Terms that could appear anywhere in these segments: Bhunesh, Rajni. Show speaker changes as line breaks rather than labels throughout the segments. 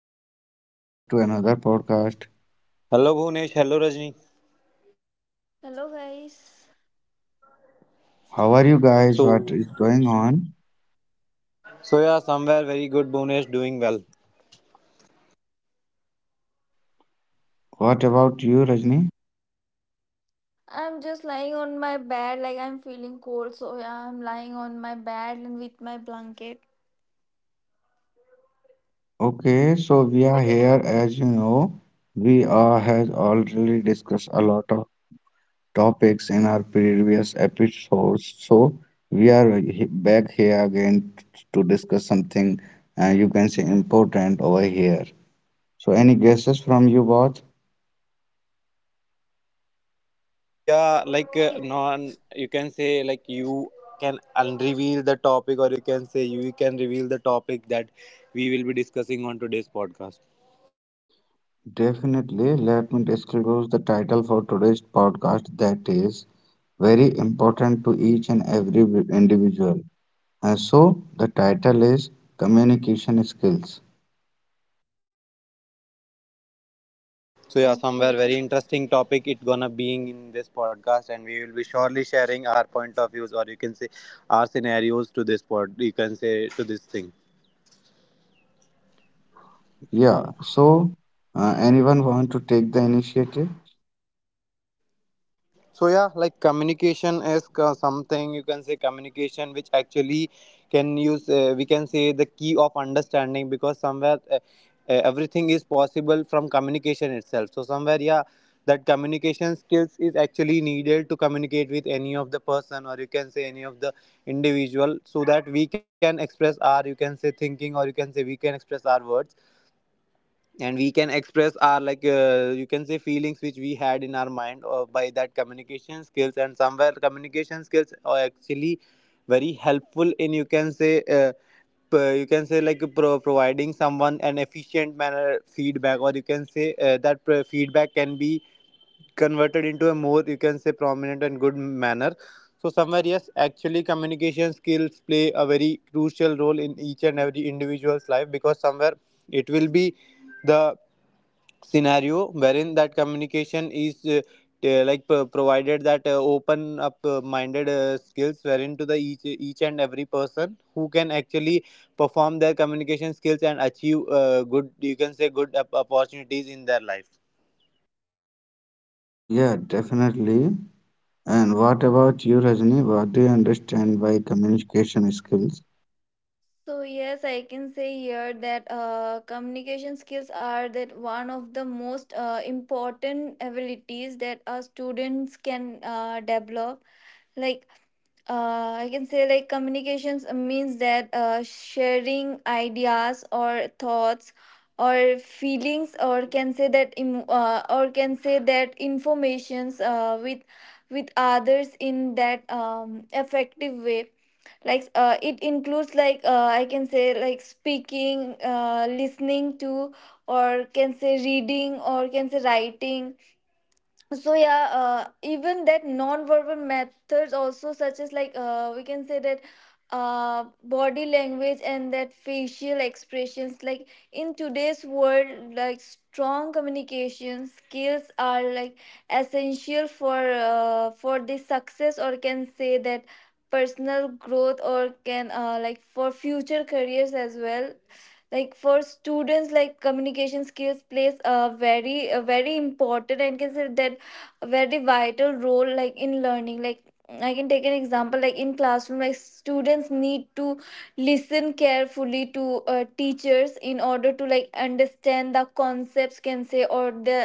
Rajni, welcome back to another podcast.
Hello Bhunesh, hello Rajni.
Hello guys.
How are you guys? What
So
is going on?
so yeah, somewhere very good Bhunesh, doing well.
What about you, Rajni?
I'm just lying on my bed, like I'm feeling cold, so yeah, I'm lying on my bed and with my blanket.
Okay, so we are here as you know, we are has already discussed a lot of topics in our previous episodes. So we are back here again to discuss something you can say important over here. So any guesses from you both?
So yeah, like
So y-
non you can say like you can unreveal the topic, or you can say you can reveal the topic that we will be discussing on today's podcast.
Definitely, let me disclose the title for today's podcast that is very important to each and every individual. And so the title is Communication Skills.
So yeah, somewhere
okay.
very interesting topic it gonna being in this podcast, and we will be surely sharing our point of views, or you can say our scenarios to this pod, you can say to this thing.
Yeah, so anyone want to take the initiative?
So yeah, like communication is something you can say communication which actually can use we can say the key of understanding, because somewhere everything is possible from communication itself. So somewhere yeah, that communication skills is actually needed to communicate with any of the person or you can say any of the individual, so that we can express our you can say thinking, or you can say we can express our words, and we can express our like you can say feelings which we had in our mind or by that communication skills. And somewhere communication skills are actually very helpful in you can say you can say like providing someone an efficient manner feedback, or you can say that feedback can be converted into a more you can say prominent and good manner. So somewhere yes, actually communication skills play a very crucial role in each and every individual's life, because somewhere it will be the scenario wherein that communication is like provided that open up minded skills wherein to the each and every person who can actually perform their communication skills and achieve good you can say good opportunities in their life.
Yeah, definitely. And what about you, Rajni? What do you understand by communication skills?
So yes, I can say here that communication skills are that one of the most important abilities that our students can develop, like I can say like communications means that sharing ideas or thoughts or feelings or can say that or can say that informations with others in that effective way. Like it includes like I can say like speaking, listening to or can say reading or can say writing. So yeah, even that non-verbal methods also, such as like we can say that body language and that facial expressions. Like in today's world, like strong communication skills are like essential for for the success, or can say that personal growth, or can like for future careers as well. Like for students, like communication skills plays a very important and can say that a very vital role like in learning. Like I can take an example, like in classroom, like students need to listen carefully to teachers in order to like understand the concepts, can say, or the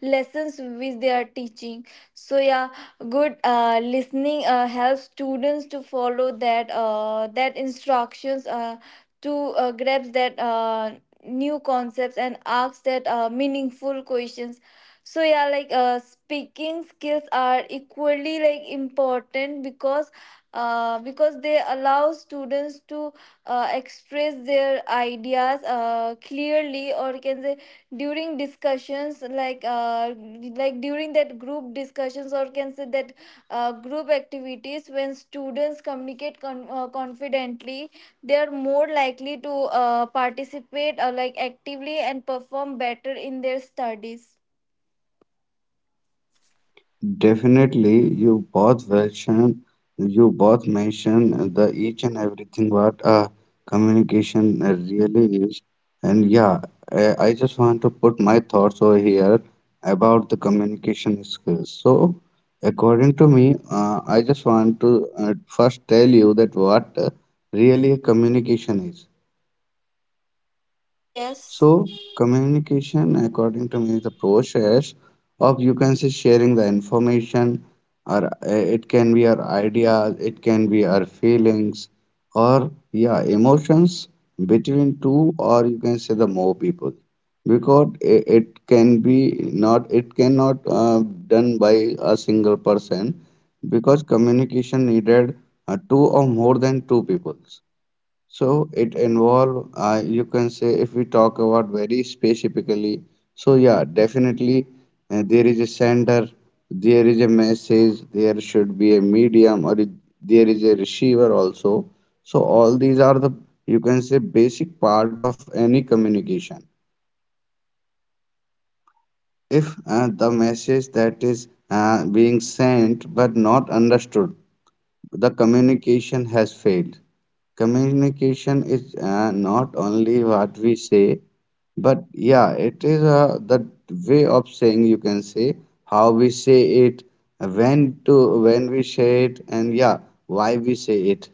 lessons which they are teaching. So yeah, good listening helps students to follow that instructions to grasp that new concepts and ask that meaningful questions. So yeah, like speaking skills are equally like important, because they allow students to express their ideas clearly, or you can say during discussions, like during that group discussions, or you can say that group activities. When students communicate confidently, they are more likely to participate or like actively and perform better in their studies.
Definitely, you both mention the each and everything what communication really is, and yeah, I just want to put my thoughts over here about the communication skills. So, according to me, I just want to first tell you that what really communication is.
So yes.
So communication, according to me, is the process of you can say sharing the information, or it can be our ideas, it can be our feelings, or yeah, emotions between two or you can say the more people, because it can be not it cannot done by a single person, because communication needed two or more than two peoples so it involve, you can say, if we talk about very specifically, so yeah, definitely there is a sender, there is a message, there should be a medium, there is a receiver also. So all these are the, you can say, basic part of any communication. If the message that is being sent but not understood, the communication has failed. Communication is not only what we say, but yeah, it is the way of saying you can say how we say it, when we say it, and yeah, why we say it,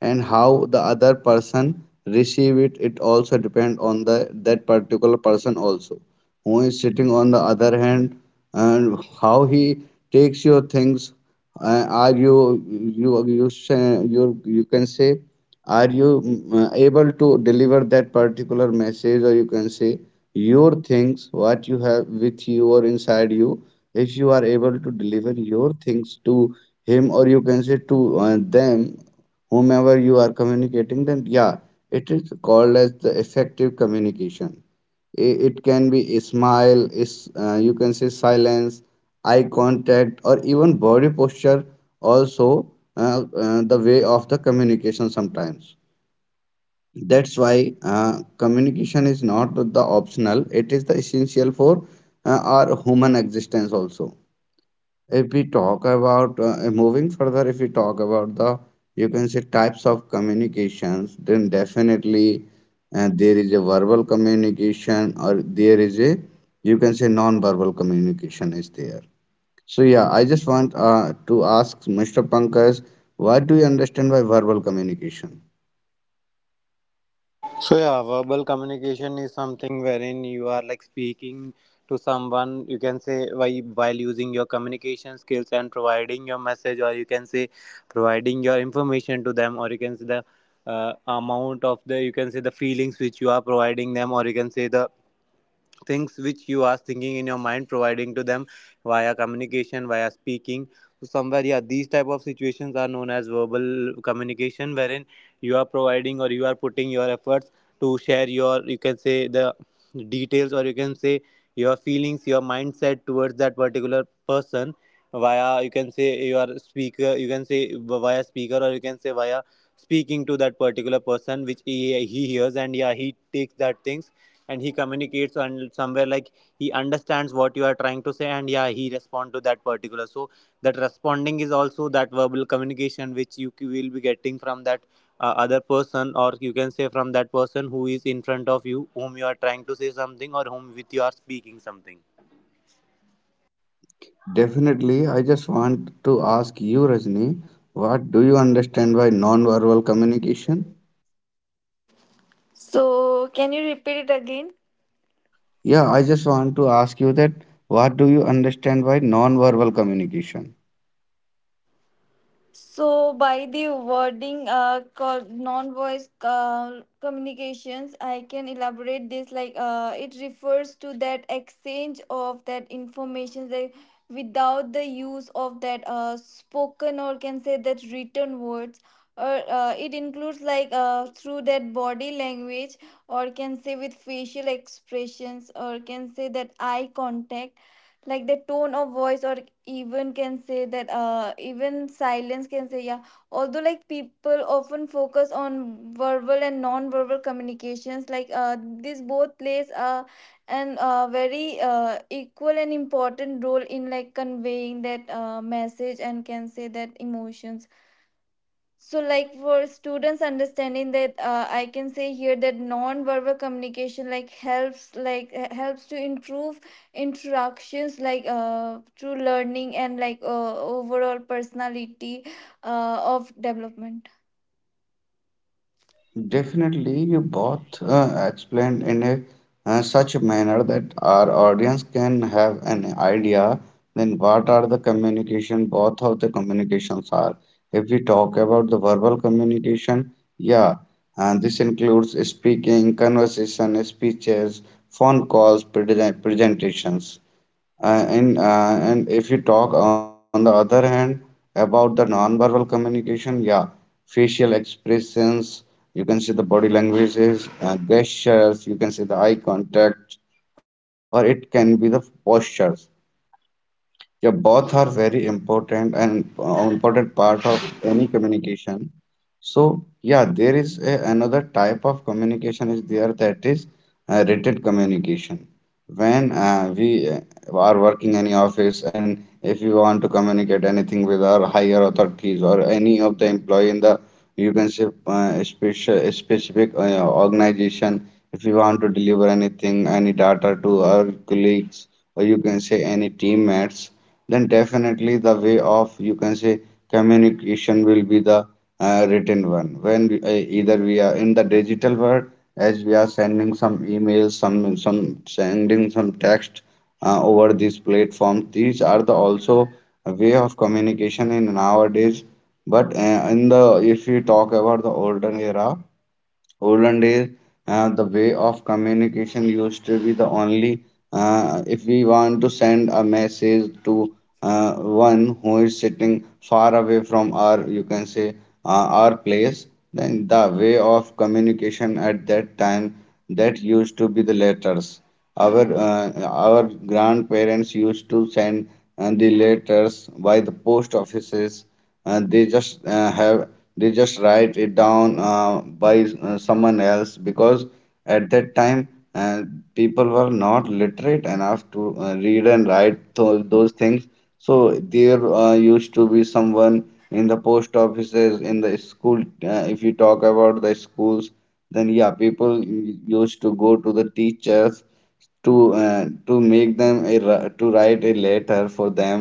and how the other person receive it. It also depend on the that particular person also who is sitting on the other hand and how he takes your things are you you you sa- you can say are you able to deliver that particular message or you can say your things what you have with you or inside you if you are able to deliver your things to him or you can say to them whomever you are communicating then yeah it is called as the effective communication. It can be a smile, is you can say silence, eye contact, or even body posture. Also, the way of the communication sometimes. That's why communication is not the optional; it is the essential for our human existence also. If we talk about moving further, if we talk about the you can say types of communications, then definitely there is a verbal communication or there is a you can say non-verbal communication is there. So yeah, I just want to ask Mr. Pankaj, what do you understand by verbal communication?
So yeah, verbal communication is something wherein you are like speaking to someone. You can say while using your communication skills and providing your message, or you can say providing your information to them, or you can say the amount of the you can say the feelings which you are providing them, or you can say the things which you are thinking in your mind, providing to them via communication, via speaking. So somewhere yeah, these type of situations are known as verbal communication wherein you are providing or you are putting your efforts to share your you can say the details, or you can say your feelings, your mindset towards that particular person via you can say your speaker, you can say via speaker, or you can say via speaking to that particular person, which he hears, and yeah, he takes that things and he communicates. And somewhere like he understands what you are trying to say, and yeah, he respond to that particular. So that responding is also that verbal communication which you will be getting from that other person, or you can say from that person who is in front of you, whom you are trying to say something, or whom with you are speaking something.
Definitely, I just want to ask you, Rajni, what do you understand by non-verbal communication?
So can you repeat it again?
Yeah, I just want to ask you that what do you understand by non-verbal communication?
So, by the wording called non-voice communications, I can elaborate this like it refers to that exchange of that information that without the use of that spoken or can say that written words, or it includes like through that body language, or can say with facial expressions, or can say that eye contact, like the tone of voice, or even can say that even silence, can say. Yeah, although like people often focus on verbal and non-verbal communications, like this both plays an very equal and important role in like conveying that message and can say that emotions. So, like for students understanding that, I can say here that non-verbal communication like helps, helps to improve interactions, like through learning and like overall personality of development.
Definitely, you both explained in a such a manner that our audience can have an idea then what are the communication, both of the communications are. If we talk about the verbal communication, yeah, and this includes speaking, conversation, speeches, phone calls, presentations. And and if you talk on the other hand about the non-verbal communication, yeah, facial expressions, you can see the body languages, gestures, you can see the eye contact, or it can be the postures. Yeah, both are very important and important part of any communication. So yeah, there is a, another type of communication is there that is written communication when we are working any office and if you want to communicate anything with our higher authorities or any of the employee in the you can say special specific organization if you want to deliver anything any data to our colleagues or you can say any teammates then definitely the way of you can say communication will be the written one. When we, either we are in the digital world, as we are sending some emails, some sending some text over these platforms. These are the also a way of communication in nowadays. But in the if we talk about the olden era. Olden days, the way of communication used to be the only. If we want to send a message to one who is sitting far away from our, you can say, our place, then the way of communication at that time that used to be the letters. Our grandparents used to send the letters by the post offices uh, they just uh, have they just write it down by someone else because at that time uh, people were not literate enough to read and write those things so there used to be someone in the post offices in the school if you talk about the schools then yeah people used to go to the teachers to make them a, to write a letter for them.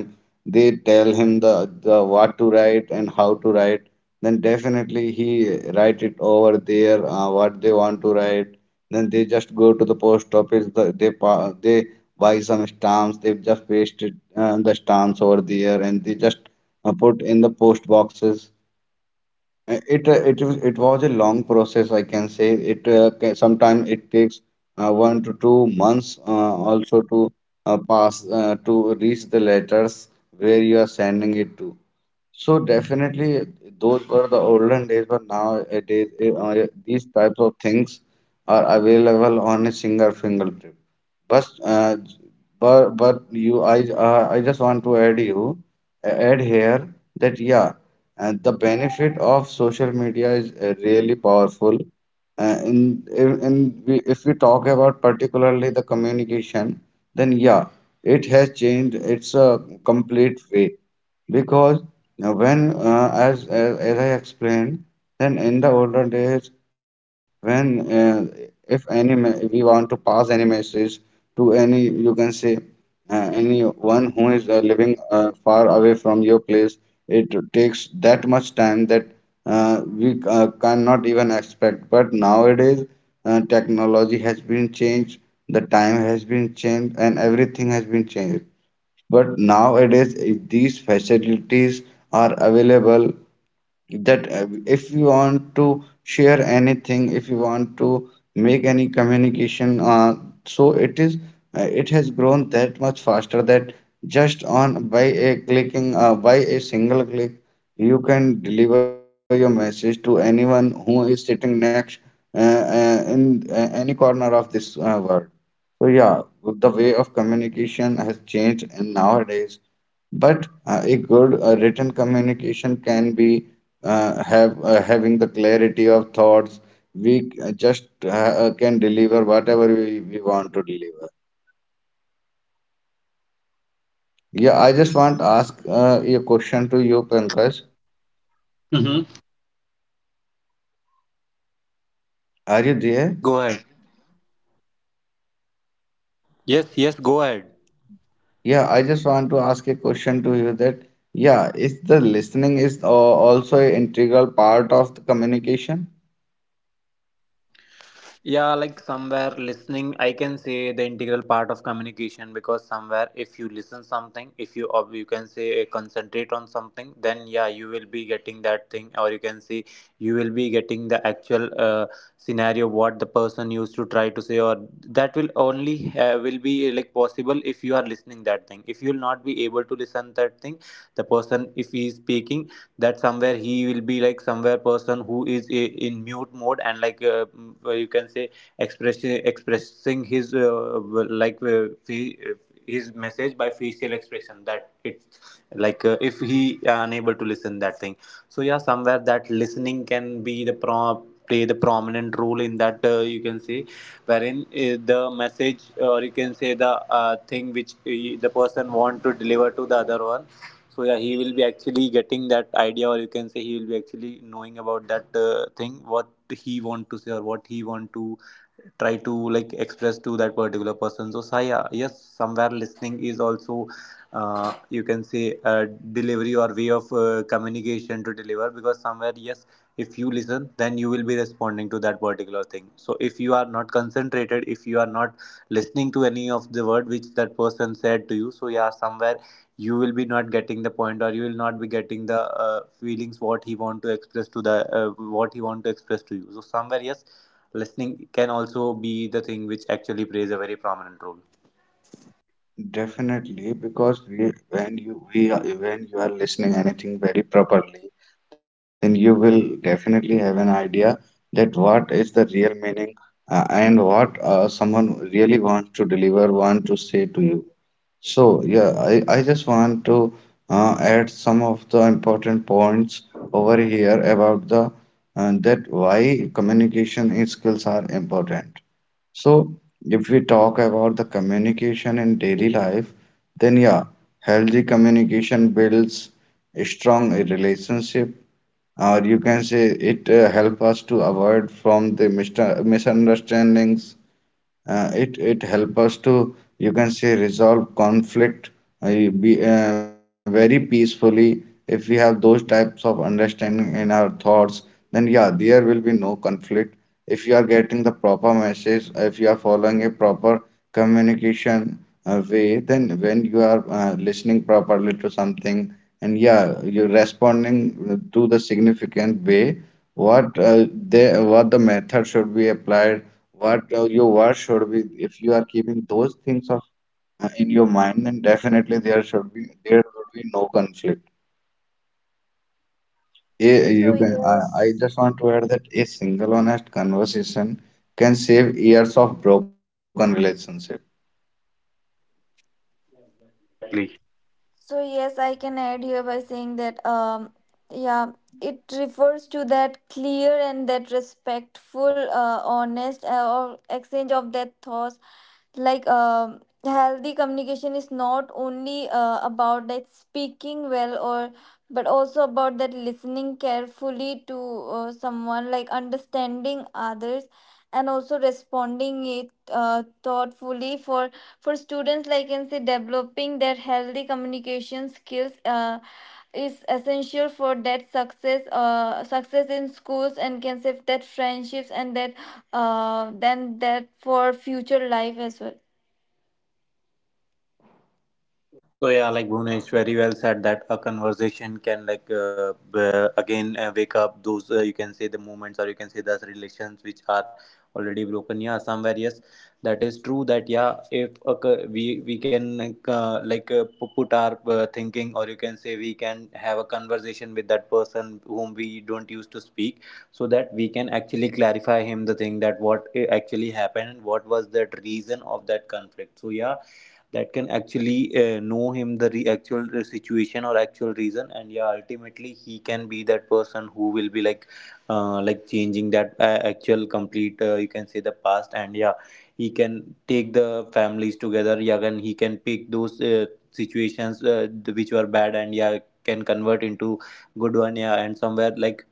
They tell him the what to write and how to write then definitely he write it over there what they want to write then they just go to the post office the, they buy some stamps they just paste it, the stamps over there and they just put in the post boxes. It was a long process, I can say. It sometimes it takes one to two months also to pass to reach the letters where you are sending it to. So definitely, those were the olden days, but nowadays these types of things are available on a single fingertip. But uh, I just want to add here that yeah, the benefit of social media is really powerful. If we talk about particularly the communication, then yeah, it has changed. It's a complete way because when as I explained, then in the older days, when if any me- if we want to pass any message to any you can say anyone who is living far away from your place, it takes that much time that we cannot even expect. But nowadays, technology has been changed, the time has been changed, and everything has been changed. But nowadays, if these facilities are available, that if you want to share anything if you want to make any communication so it is it has grown that much faster that just on by a clicking by a single click you can deliver your message to anyone who is sitting next in any corner of this world so yeah the way of communication has changed and nowadays but a good written communication can be have having the clarity of thoughts. We just can deliver whatever we want to deliver. Yeah, I just want to ask a question to you, Pankaj.
Mm-hmm.
Are you
Yes, yes,
there?
go ahead. Yes, yes, go ahead.
Yeah, I just want to ask a question to you that, yeah, is the listening is also an integral part of the communication?
Yeah, like somewhere listening I can say the integral part of communication, because somewhere if you listen something, if you or you can say concentrate on something, then yeah you will be getting that thing, or you can say you will be getting the actual scenario what the person used to try to say, or that will only will be like possible if you are listening that thing. If you will not be able to listen that thing, the person if he is speaking, that somewhere he will be like somewhere person who is in mute mode and like mm, you can say expressing his well, like fe- uh, his message by facial expression. That it's like if he unable to listen that thing. So yeah, somewhere that listening can be the pro, play the prominent role in that you can say wherein the message, or you can say the thing which the person want to deliver to the other one. So yeah, he will be actually getting that idea, or you can say he will be actually knowing about that thing what he want to say, or what he want to try to like express to that particular person. So saya yes, somewhere listening is also you can say delivery or way of communication to deliver, because somewhere yes, if you listen then you will be responding to that particular thing. So if you are not concentrated, if you are not listening to any of the word which that person said to you, so yeah, somewhere you will be not getting the point, or you will not be getting the feelings what he want to express to the what he want to express to you. So somewhere yes, listening can also be the thing which actually plays a very prominent role.
Definitely, because we, when you we are, when you are listening anything very properly, then you will definitely have an idea that what is the real meaning and what someone really wants to deliver, want to say to you. So, yeah, I just want to add some of the important points over here about the that why skills are important. So, if we talk about the communication in daily life, then yeah, healthy communication builds a strong relationship, or you can say it help us to avoid from the misunderstandings it help us to you can say resolve conflict uh, be, very peacefully if we have those types of understanding in our thoughts then yeah there will be no conflict if you are getting the proper message if you are following a proper communication way then when you are listening properly to something and yeah you're responding to the significant way what they what the method should be applied what your word should be, if you are keeping those things of in your mind, then definitely there would be no conflict. A, you
So
can. I
yes.
just want to add that a single honest conversation can save years of broken relationship.
Yeah, exactly.
So yes, I can add here by saying that yeah, it refers to that clear and that respectful, honest or exchange of that thoughts. Like healthy communication is not only about that speaking well, or but also about that listening carefully to someone, like understanding others and also responding it thoughtfully for students. Like I can say developing their healthy communication skills is essential for that success, success in schools and can say that friendships and that, then that for future life as well.
So yeah, like Bhunesh very well said that a conversation can like again wake up those you can say the moments, or you can say the relations which are already broken. Yeah, somewhere yes, that is true. That yeah, if we can like pu- put our thinking, or you can say we can have a conversation with that person whom we don't used to speak, so that we can actually clarify him the thing that what actually happened and what was that reason of that conflict. So yeah, that can actually know him the re- actual situation or actual reason, and yeah ultimately he can be that person who will be like changing that actual complete you can say the past. And yeah, he can take the families together, yeah, and he can pick those situations which were bad, and yeah, can convert into good one. Yeah, and somewhere like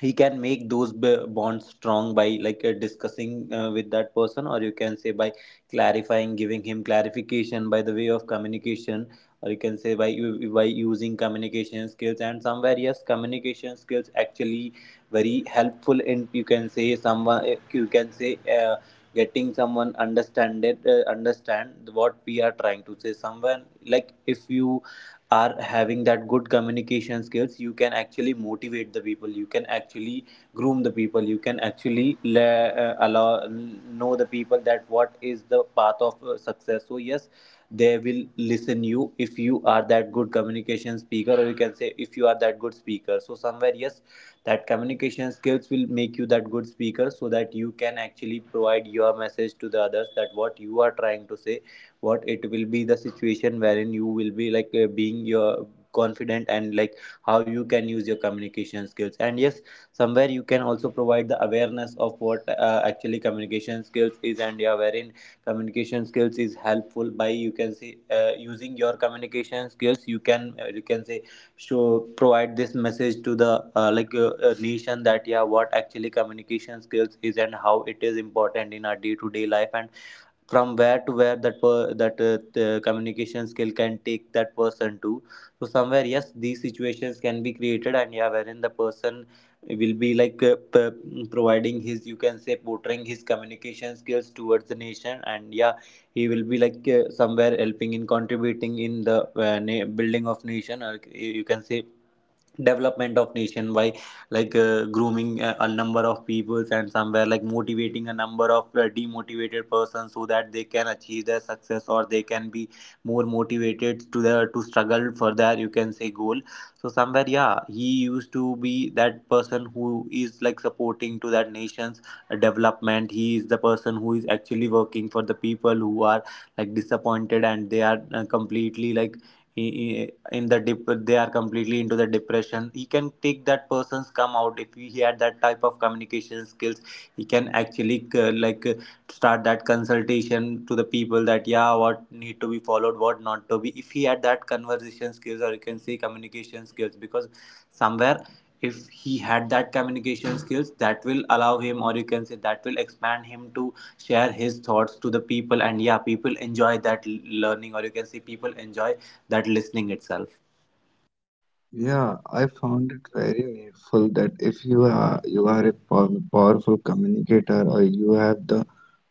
you can make those bonds strong by like discussing with that person, or you can say by clarifying, giving him clarification by the way of communication, or you can say by by using communication skills. And somewhere yes, communication skills actually very helpful in you can say someone eh, you can say getting someone understand it understand what we are trying to say someone. Like if you are having that good communication skills, you can actually motivate the people, you can actually groom the people, you can actually allow know the people that what is the path of success. So yes, they will listen you if you are that good communication speaker, or you can say if you are that good speaker. So somewhere yes, that communication skills will make you that good speaker, so that you can actually provide your message to the others that what you are trying to say, what it will be the situation wherein you will be like being your confident and like how you can use your communication skills. And yes, somewhere you can also provide the awareness of what actually communication skills is, and yeah wherein communication skills is helpful. By you can say using your communication skills, you can say show, provide this message to the like nation that yeah what actually communication skills is and how it is important in our day to day life, and from where to where that per, that the communication skill can take that person to. So somewhere yes, these situations can be created, and yeah wherein the person will be like p- providing his you can say portraying his communication skills towards the nation. And yeah, he will be like somewhere helping in contributing in the building of nation, or you can say development of nation by like grooming a number of peoples, and somewhere like motivating a number of demotivated persons, so that they can achieve their success, or they can be more motivated to their to struggle for their you can say goal. So somewhere yeah, he used to be that person who is like supporting to that nation's development. He is the person who is actually working for the people who are like disappointed and they are completely like he, in the dip, they are completely into the depression. He can take that person's come out if he had that type of communication skills. He can actually like start that consultation to the people that yeah what need to be followed, what not to be, if he had that conversation skills, or you can say communication skills, because somewhere if he had that communication skills, that will allow him, or you can say that will expand him to share his thoughts to the people. And yeah, people enjoy that learning, or you can say people enjoy that listening itself.
Yeah, I found it very meaningful that if you are a powerful communicator, or you have the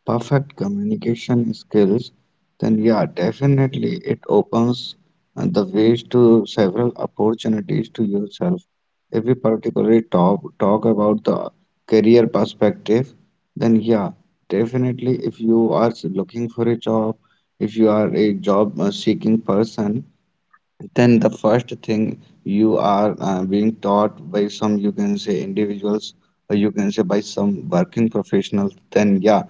perfect communication skills, then yeah, definitely it opens the ways to several opportunities to yourself. If we particularly talk about the career perspective, then yeah, definitely if you are looking for a job, if you are a job seeking person, then the first thing you are being taught by some, you can say, individuals, or you can say by some working professionals, then yeah,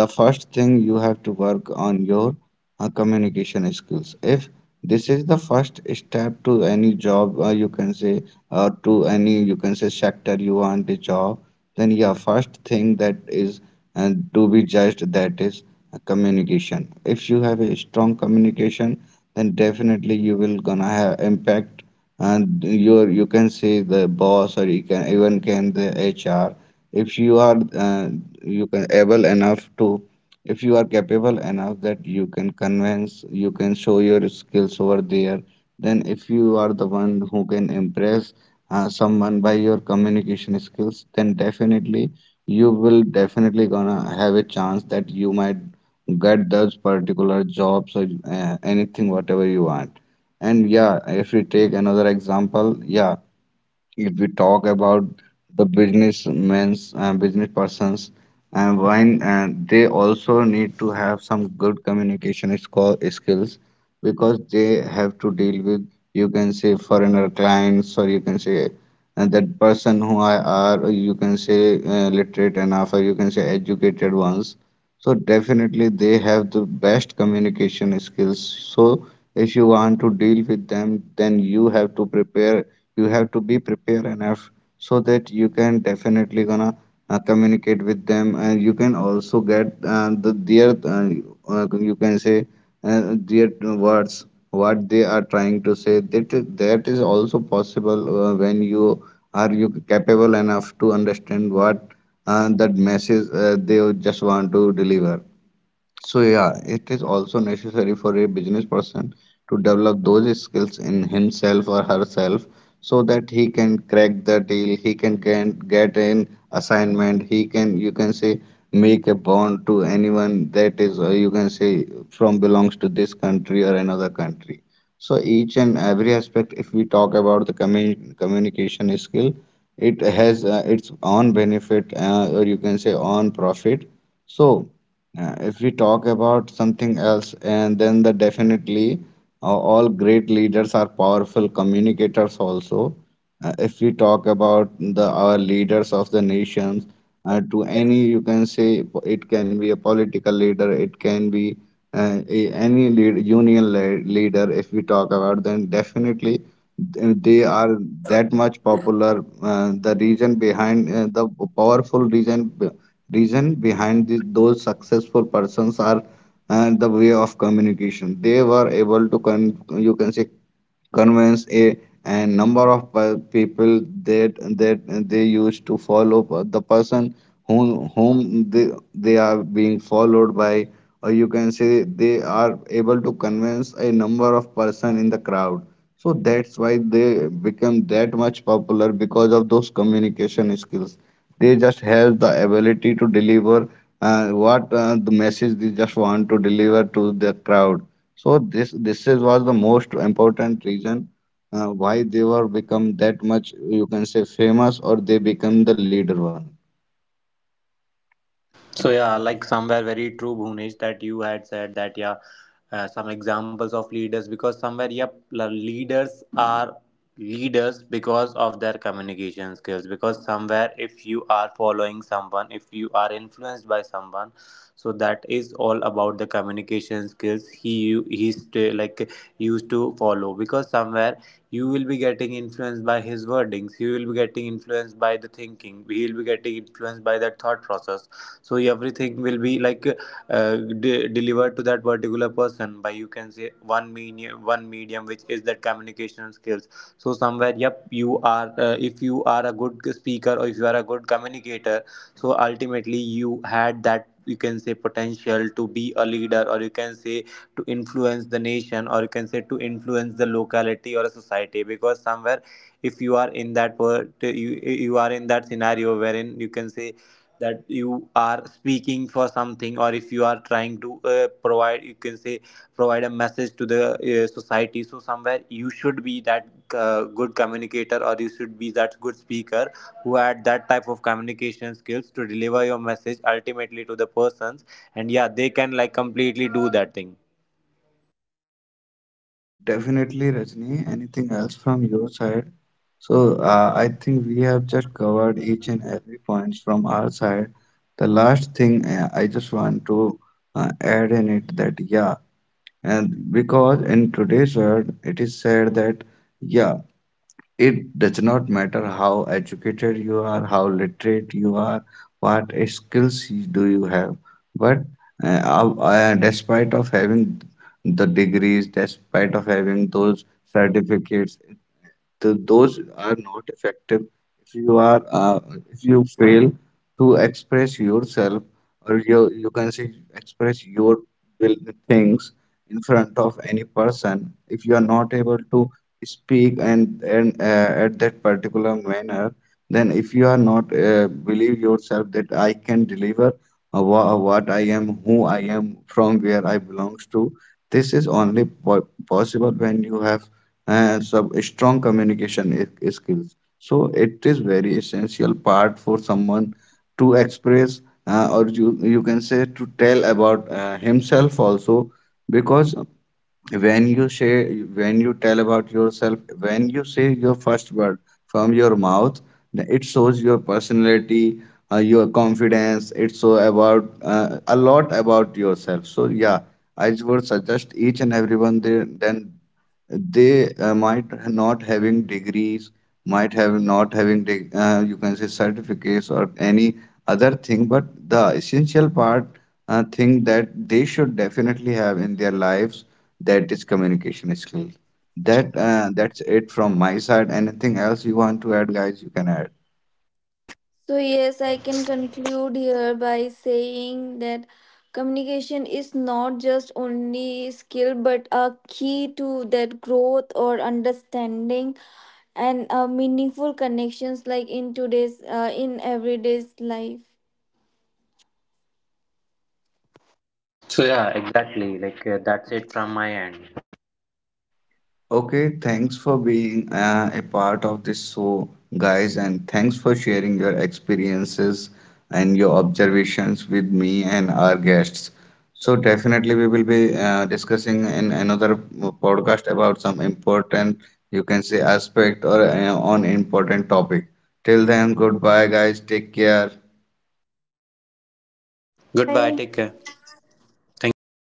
the first thing you have to work on your communication skills. If this is the first step to any job, you can say, to any, you can say, sector you want a job, then yeah, first thing that is and to be judged, that is communication. If you have a strong communication, then definitely you will gonna have impact, and your, you can say, the boss, or you can even can the HR. If you are you can able enough to, if you are capable enough that you can convince, you can show your skills over there, then if you are the one who can impress someone by your communication skills, then definitely you will definitely gonna have a chance that you might get those particular jobs, or anything whatever you want. And yeah, if we take another example, yeah, if we talk about the business persons, and when they also need to have some good skills, because they have to deal with, you can say, foreigner clients, or you can say, and that person who I are, you can say, literate enough, or you can say, educated ones. So definitely they have the best communication skills. So if you want to deal with them, then you have to prepare, you have to be prepared enough, so that you can definitely gonna communicate with them, and you can also get the their you can say their words, what they are trying to say. That that is also possible when you are you capable enough to understand what that message they just want to deliver. So yeah, it is also necessary for a business person to develop those skills in himself or herself, so that he can crack the deal, he can get an assignment, he can, you can say, make a bond to anyone that is, you can say, from belongs to this country or another country. So each and every aspect, if we talk about the communication skill, it has its own benefit, or you can say own profit. So if we talk about something else, and then the definitely all great leaders are powerful communicators also. Uh, if we talk about the our leaders of the nations, to any, you can say, it can be a political leader, it can be any union leader, if we talk about, then definitely they are that much popular. Uh, the reason behind the powerful reason be- reason behind this, those successful persons are the way of communication. They were able to you can say convince a and number of people, that they used to follow the person whom whom they are being followed by, or you can say they are able to convince a number of person in the crowd. So that's why they become that much popular because of those communication skills. They just have the ability to deliver what the message they just want to deliver to the crowd. So this is was the most important reason why they were become that much, you can say, famous, or they become the leader one.
So yeah, like somewhere very true, Bhunesh, that you had said that yeah, some examples of leaders, because somewhere yep, leaders are leaders because of their communication skills. Because somewhere if you are following someone, if you are influenced by someone, so that is all about the communication skills he he's to, like used to follow. Because somewhere you will be getting influenced by his wordings, you will be getting influenced by the thinking, he will be getting influenced by that thought process. So everything will be like delivered to that particular person by you can say one medium which is that communication skills. So somewhere yep, you are if you are a good speaker or if you are a good communicator, so ultimately you had that you can say potential to be a leader, or you can say to influence the nation, or you can say to influence the locality or a society. Because somewhere if you are in that part, you are in that scenario wherein you can say that you are speaking for something, or if you are trying to provide you can say provide a message to the society. So somewhere you should be that good communicator, or you should be that good speaker who had that type of communication skills to deliver your message ultimately to the persons, and yeah they can like completely do that thing.
Definitely, Rajni. Anything else from your side? So, I think we have just covered each and every point from our side. The last thing I just want to add in it that, yeah, and because in today's world, it is said that, yeah, it does not matter how educated you are, how literate you are, what skills do you have. But uh, despite of having the degrees, despite of having those certificates, those are not effective if you are if you fail to express yourself, or you can say, express your will things in front of any person. If you are not able to speak, and at that particular manner, then if you are not believe yourself that I can deliver, what I am, who I am, from where I belongs to. This is only po possible when you have some strong communication skills. So it is very essential part for someone to express, or you can say, to tell about himself also. Because when you say, when you tell about yourself, when you say your first word from your mouth, it shows your personality, your confidence. It so about a lot about yourself. So yeah, I would suggest each and everyone, then they might not having degrees, might have not having you can say certificates, or any other thing, but the essential part thing that they should definitely have in their lives, that is communication skill. That's it from my side. Anything else you want to add, guys? You can add.
So yes, I can conclude here by saying that communication is not just only skill, but a key to that growth or understanding and meaningful connections, like in today's, in everyday's life.
So yeah, exactly. Like that's it from my end.
Okay, thanks for being a part of this show, guys, and thanks for sharing your experiences and your observations with me and our guests. So, definitely, we will be discussing in another podcast about some important, you can say, aspect, or on important topic. Till then, goodbye, guys. Take care.
Goodbye.
Goodbye.
Take care. Thank you.